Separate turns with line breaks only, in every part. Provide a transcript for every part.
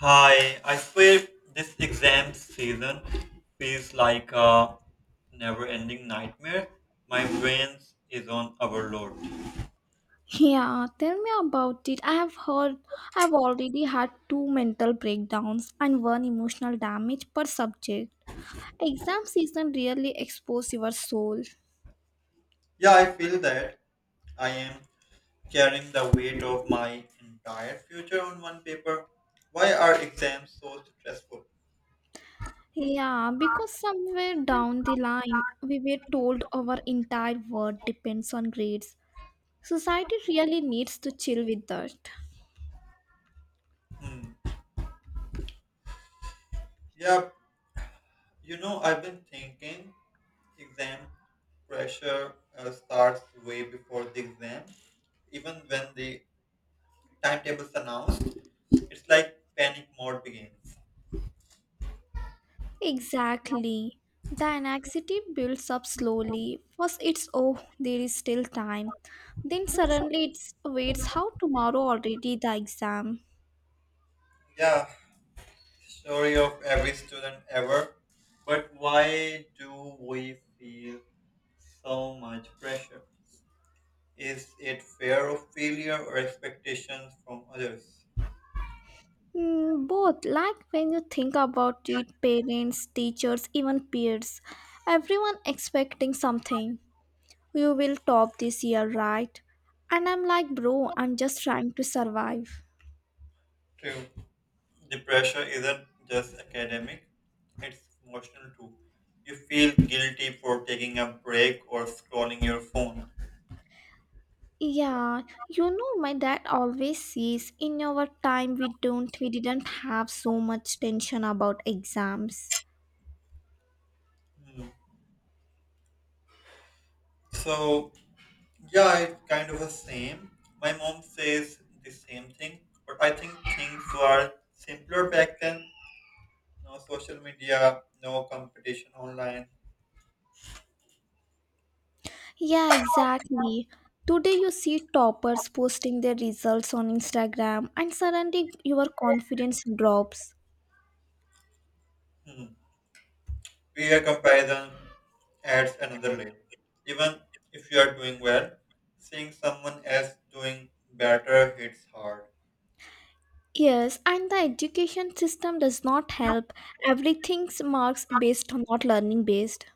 Hi, I swear this exam season feels like a never ending nightmare. My brain is on overload.
Yeah, tell me about it. I have heard I've already had two mental breakdowns and one emotional damage per subject. Exam season really expose your soul.
Yeah, I feel that I am carrying the weight of my entire future on one paper. Why are exams so stressful?
Yeah, because somewhere down the line we were told our entire world depends on grades. Society really needs to chill with that.
Hmm. Yeah, I've been thinking exam pressure starts way before the exam, even when the timetable is announced. It's like panic mode begins.
Exactly. The anxiety builds up slowly. First, it's oh, there is still time. Then, suddenly, it's waits how tomorrow already the exam.
Yeah, story of every student ever. But why do we feel so much pressure? Is it fear of failure or expectations from others?
Mm, both, like when you think about it, parents, teachers, even peers, everyone expecting something. You will top this year, right? And I'm like, bro, I'm just trying to survive.
True. The pressure isn't just academic, it's emotional too. You feel guilty for taking a break or scrolling your phone.
Yeah, my dad always says in our time we didn't have so much tension about exams.
Hmm. So, Yeah, it's kind of the same. My mom says the same thing, but I think things were simpler back then. No social media, no competition online.
Yeah, exactly. Today you see toppers posting their results on Instagram and suddenly your confidence drops.
Hmm. Peer comparison adds another layer. Even if you are doing well, seeing someone else doing better hits hard.
Yes, and the education system does not help. Everything's marks based not learning based.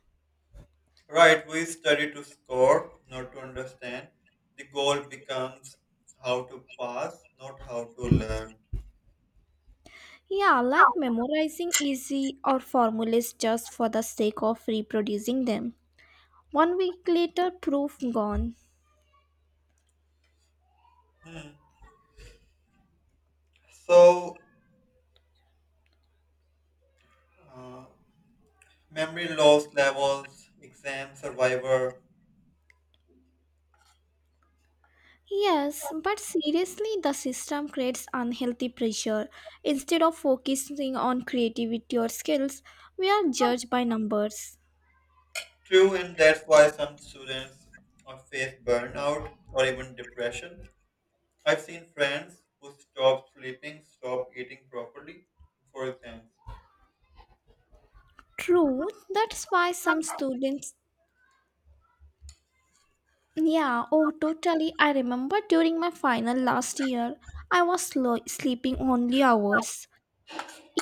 Right, we study to score, not to understand. The goal becomes how to pass, not how to learn.
Yeah, like memorizing easy or formulas just for the sake of reproducing them. One week later, proof gone.
Hmm. So, uh, Memory loss levels, exam survivor.
Yes, but seriously, the system creates unhealthy pressure. Instead of focusing on creativity or skills, we are judged by numbers.
True, and that's why some students face burnout or even depression. I've seen friends who stop sleeping, stop eating properly for exams.
True, that's why some students. Yeah, oh, totally. I remember during my final last year, sleeping only hours.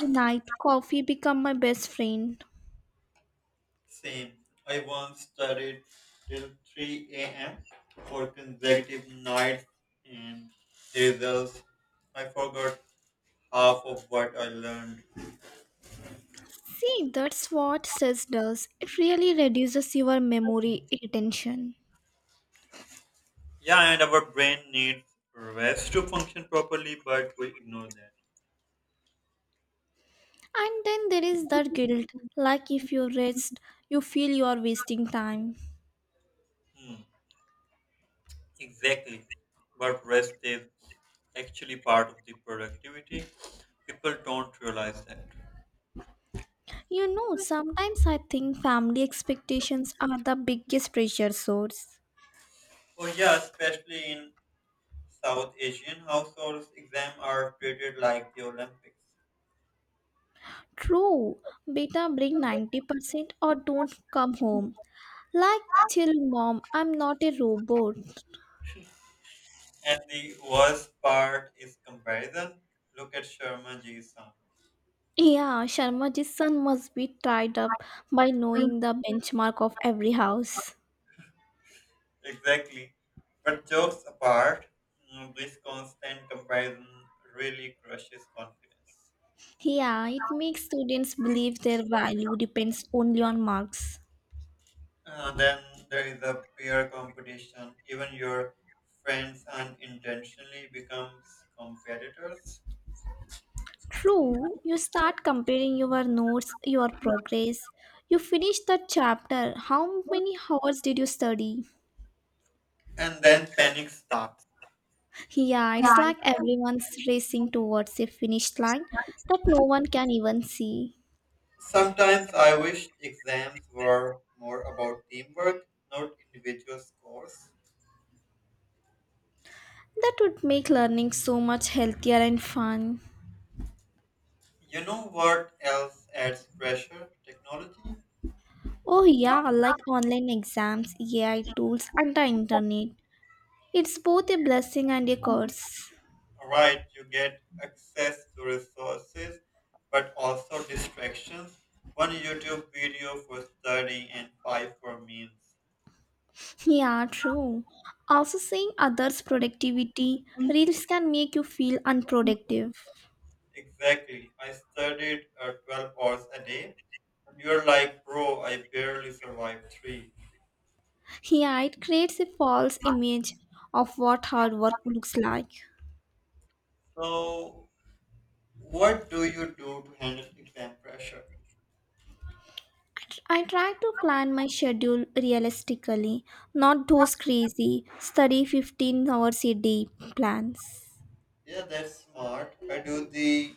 A night coffee become my best friend.
Same. I once studied till 3 a.m. for consecutive nights, and the results I forgot half of what I learned.
See, that's what stress does. It really reduces your memory attention.
Yeah, and our brain needs rest to function properly, but we ignore that.
And then there is that guilt, like if you rest, you feel you are wasting time.
Hmm, exactly. But rest is actually part of the productivity. People don't realize that.
You know, sometimes I think family expectations are the biggest pressure source.
Oh yeah, especially in South Asian households, exams are treated like the Olympics.
True, beta bring 90% or don't come home. Like, chill mom, I'm not a robot.
And the worst part is comparison. Look at Sharma Ji's son.
Yeah, Sharmaji's son must be tied up by knowing the benchmark of every house.
Exactly. But jokes apart, this constant comparison really crushes confidence.
Yeah, it makes students believe their value depends only on marks.
Then there is a peer competition. Even your friends unintentionally becomes competitors,
True, you start comparing your notes, your progress. You finish that chapter. How many hours did you study?
and then panic starts.
Yeah,
Yeah,
it's
I
like
think-
everyone's racing towards a finish line that no one can even see.
Sometimes I wish exams were more about teamwork, not individual scores.
That would make learning so much healthier and fun.
You know what else adds pressure? Technology.
Oh, yeah, like online exams, AI tools, and the internet. It's both a blessing and a curse.
Right, you get access to resources, but also distractions. One YouTube video for studying and five for memes.
Yeah, true. Also, seeing others' productivity reels can make you feel unproductive.
Exactly. I studied 12 hours a day. You're like, bro, I barely survived three.
Yeah, it creates a false image of what hard work looks like.
So, what do you do to handle exam pressure?
I try to plan my schedule realistically, not those crazy study 15 hours a day plans.
Yeah, that's smart. I do the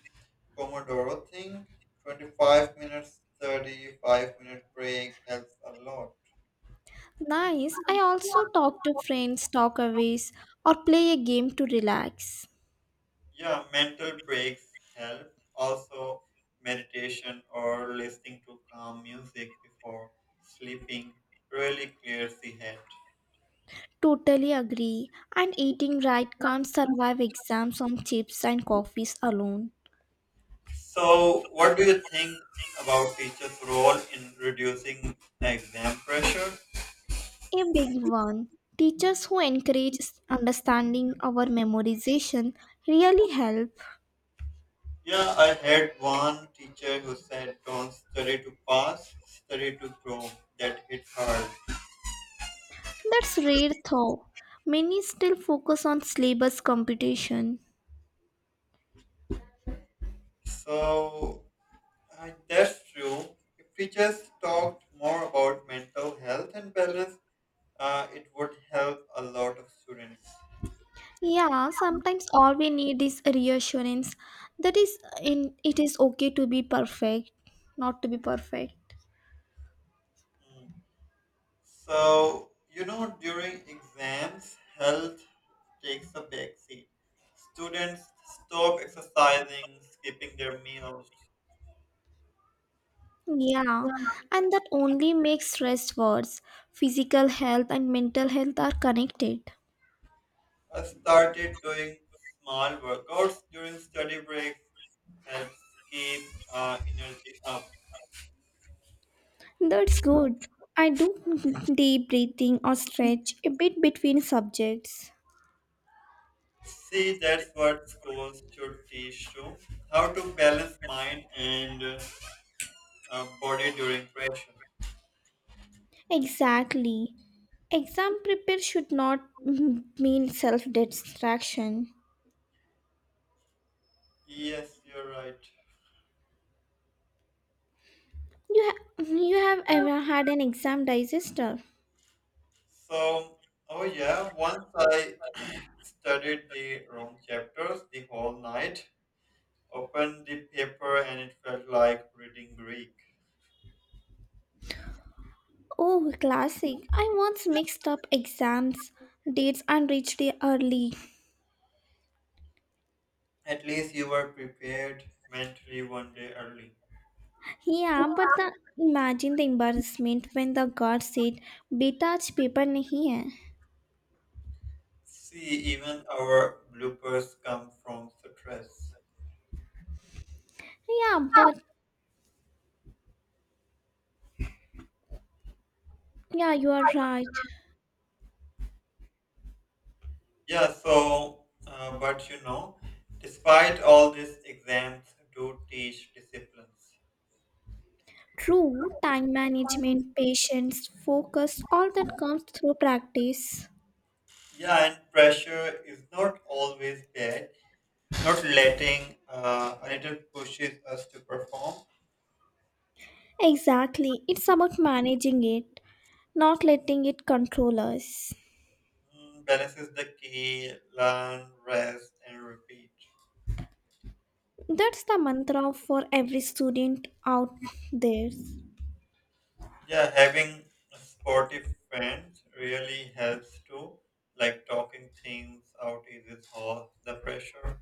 Pomodoro thing, 25 minutes, 35-minute break, helps a lot.
Nice. I also talk to friends, talk aways, or play a game to relax.
Yeah, mental breaks help. Also, meditation or listening to calm music before sleeping really clears the head.
Totally agree. And eating right can't survive exams on chips and coffees alone.
So, what do you think about teachers' role in reducing exam pressure?
A big one. Teachers who encourage understanding our memorization really help.
Yeah, I had one teacher who said, "Don't study to pass, study to grow." That hit hard.
That's rare though. Many still focus on syllabus computation.
So, And that's true. If teachers talked more about mental health and balance, it would help a lot of students.
Yeah, sometimes all we need is reassurance that is in it is okay to be perfect, not to be perfect.
Mm. So, you know, during exams, health takes a back seat. Students stop exercising, skipping their meals.
Yeah, and that only makes stress worse. Physical health and mental health are connected.
I started doing small workouts during study breaks, helps keep energy up.
That's good. I do deep breathing or stretch a bit between subjects.
See, that's what schools should teach too: how to balance mind and body during pressure.
Exactly. Exam prepare should not mean self distraction.
Yes, you're right.
You have ever had an exam digester?
So, oh yeah, once I studied the wrong chapters the whole night, opened the paper, and it felt like reading Greek.
Oh, classic. I once mixed up exams, dates, and reached there early.
At least you were prepared mentally one day early.
Yeah, but the, imagine the embarrassment when the guard said, "बेटा आज paper नहीं है."
See, even our bloopers come from stress.
Yeah, but yeah, you are right.
Yeah, but you know, despite all these exams do teach disciplines.
True, time management, patience, focus, all that comes through practice.
Yeah, and pressure is not always bad. Not letting a little pushes us to perform.
Exactly, it's about managing it, not letting it control us.
Mm, balance is the key. Learn, rest, and repeat.
That's the mantra for every student out there.
Yeah, having sportive friends really helps too. Like talking things out eases all the pressure.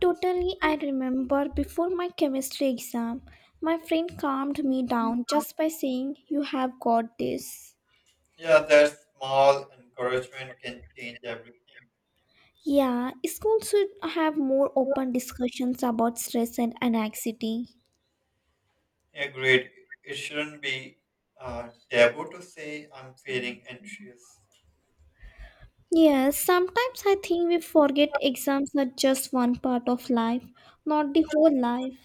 Totally, I remember before my chemistry exam, my friend calmed me down just by saying, You have got this.
Yeah, that small encouragement can change everything.
Yeah, school should have more open discussions about stress and anxiety.
Agreed. It shouldn't be taboo to say I'm feeling anxious.
Yes, sometimes I think we forget exams are just one part of life, not the whole life.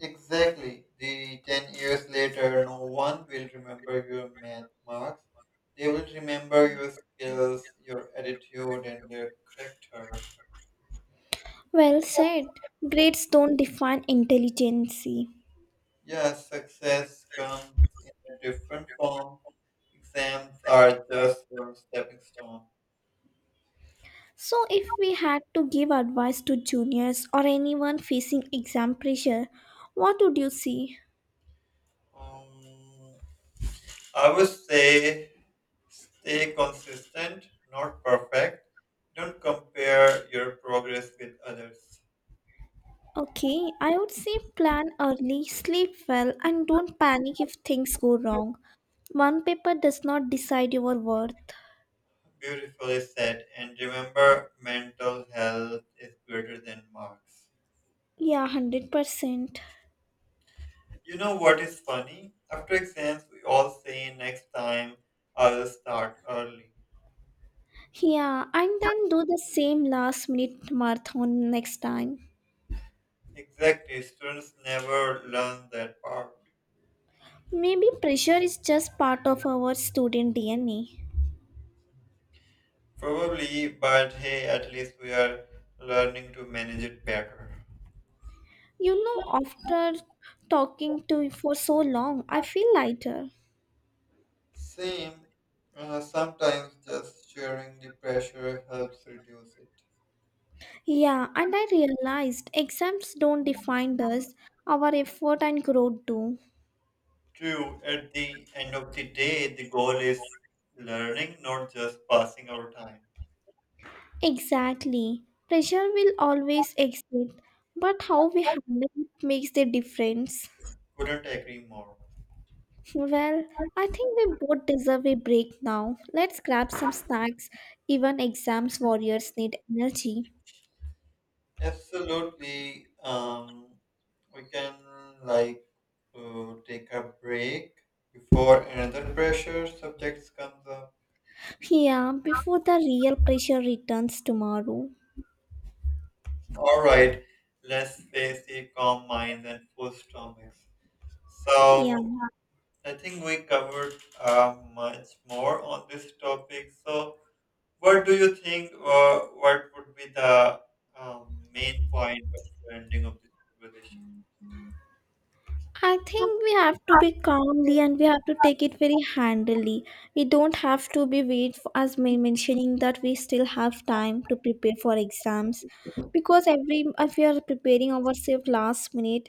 Exactly. The 10 years later, no one will remember your math marks. They will remember your skills, your attitude, and your character.
Well said, grades don't define intelligence.
Yeah, success comes in a different form. Exams are just a stepping stone.
So, if we had to give advice to juniors or anyone facing exam pressure, what would you say?
Um, I would say stay consistent, not perfect. Don't compare your progress with others.
Okay, I would say plan early, sleep well, and don't panic if things go wrong. One paper does not decide your worth.
Beautifully said. And remember, mental health is greater than marks.
Yeah, 100%.
You know what is funny? After exams, we all say next time I'll start early.
Yeah, and then do the same last minute marathon next time.
Exactly. Students never learn that part.
Maybe pressure is just part of our student DNA.
Probably, but hey, at least we are learning to manage it better.
You know, after talking to you for so long, I feel lighter.
Same. Sometimes just sharing the pressure helps reduce it.
Yeah, and I realized exams don't define us, our effort and growth do.
True, at the end of the day, the goal is learning, not just passing our time.
Exactly. Pressure will always exist, but how we handle it makes the difference.
Couldn't agree more.
Well, I think we both deserve a break now. Let's grab some snacks. Even exams warriors need energy.
Absolutely. We can like take a break before another pressure subjects comes up.
Yeah, before the real pressure returns tomorrow.
All right, let's face the calm minds and full stomachs.
Yeah.
So I think we covered much more on this topic. So, what do you think? What would be the main point of ending of this conversation?
I think we have to be calmly and we have to take it very handily. We don't have to be wait for us men- mentioning that we still have time to prepare for exams because every if we are preparing ourselves last minute,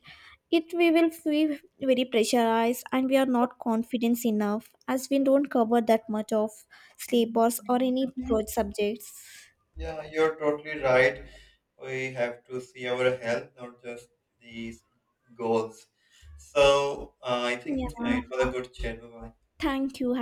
it we will feel very pressurized and we are not confident enough as we don't cover that much of syllabus or any broad subjects.
Yeah, you're totally right. We have to see our health, not just these goals. So, I think
Yeah,
it was a good chat. Bye
thank you.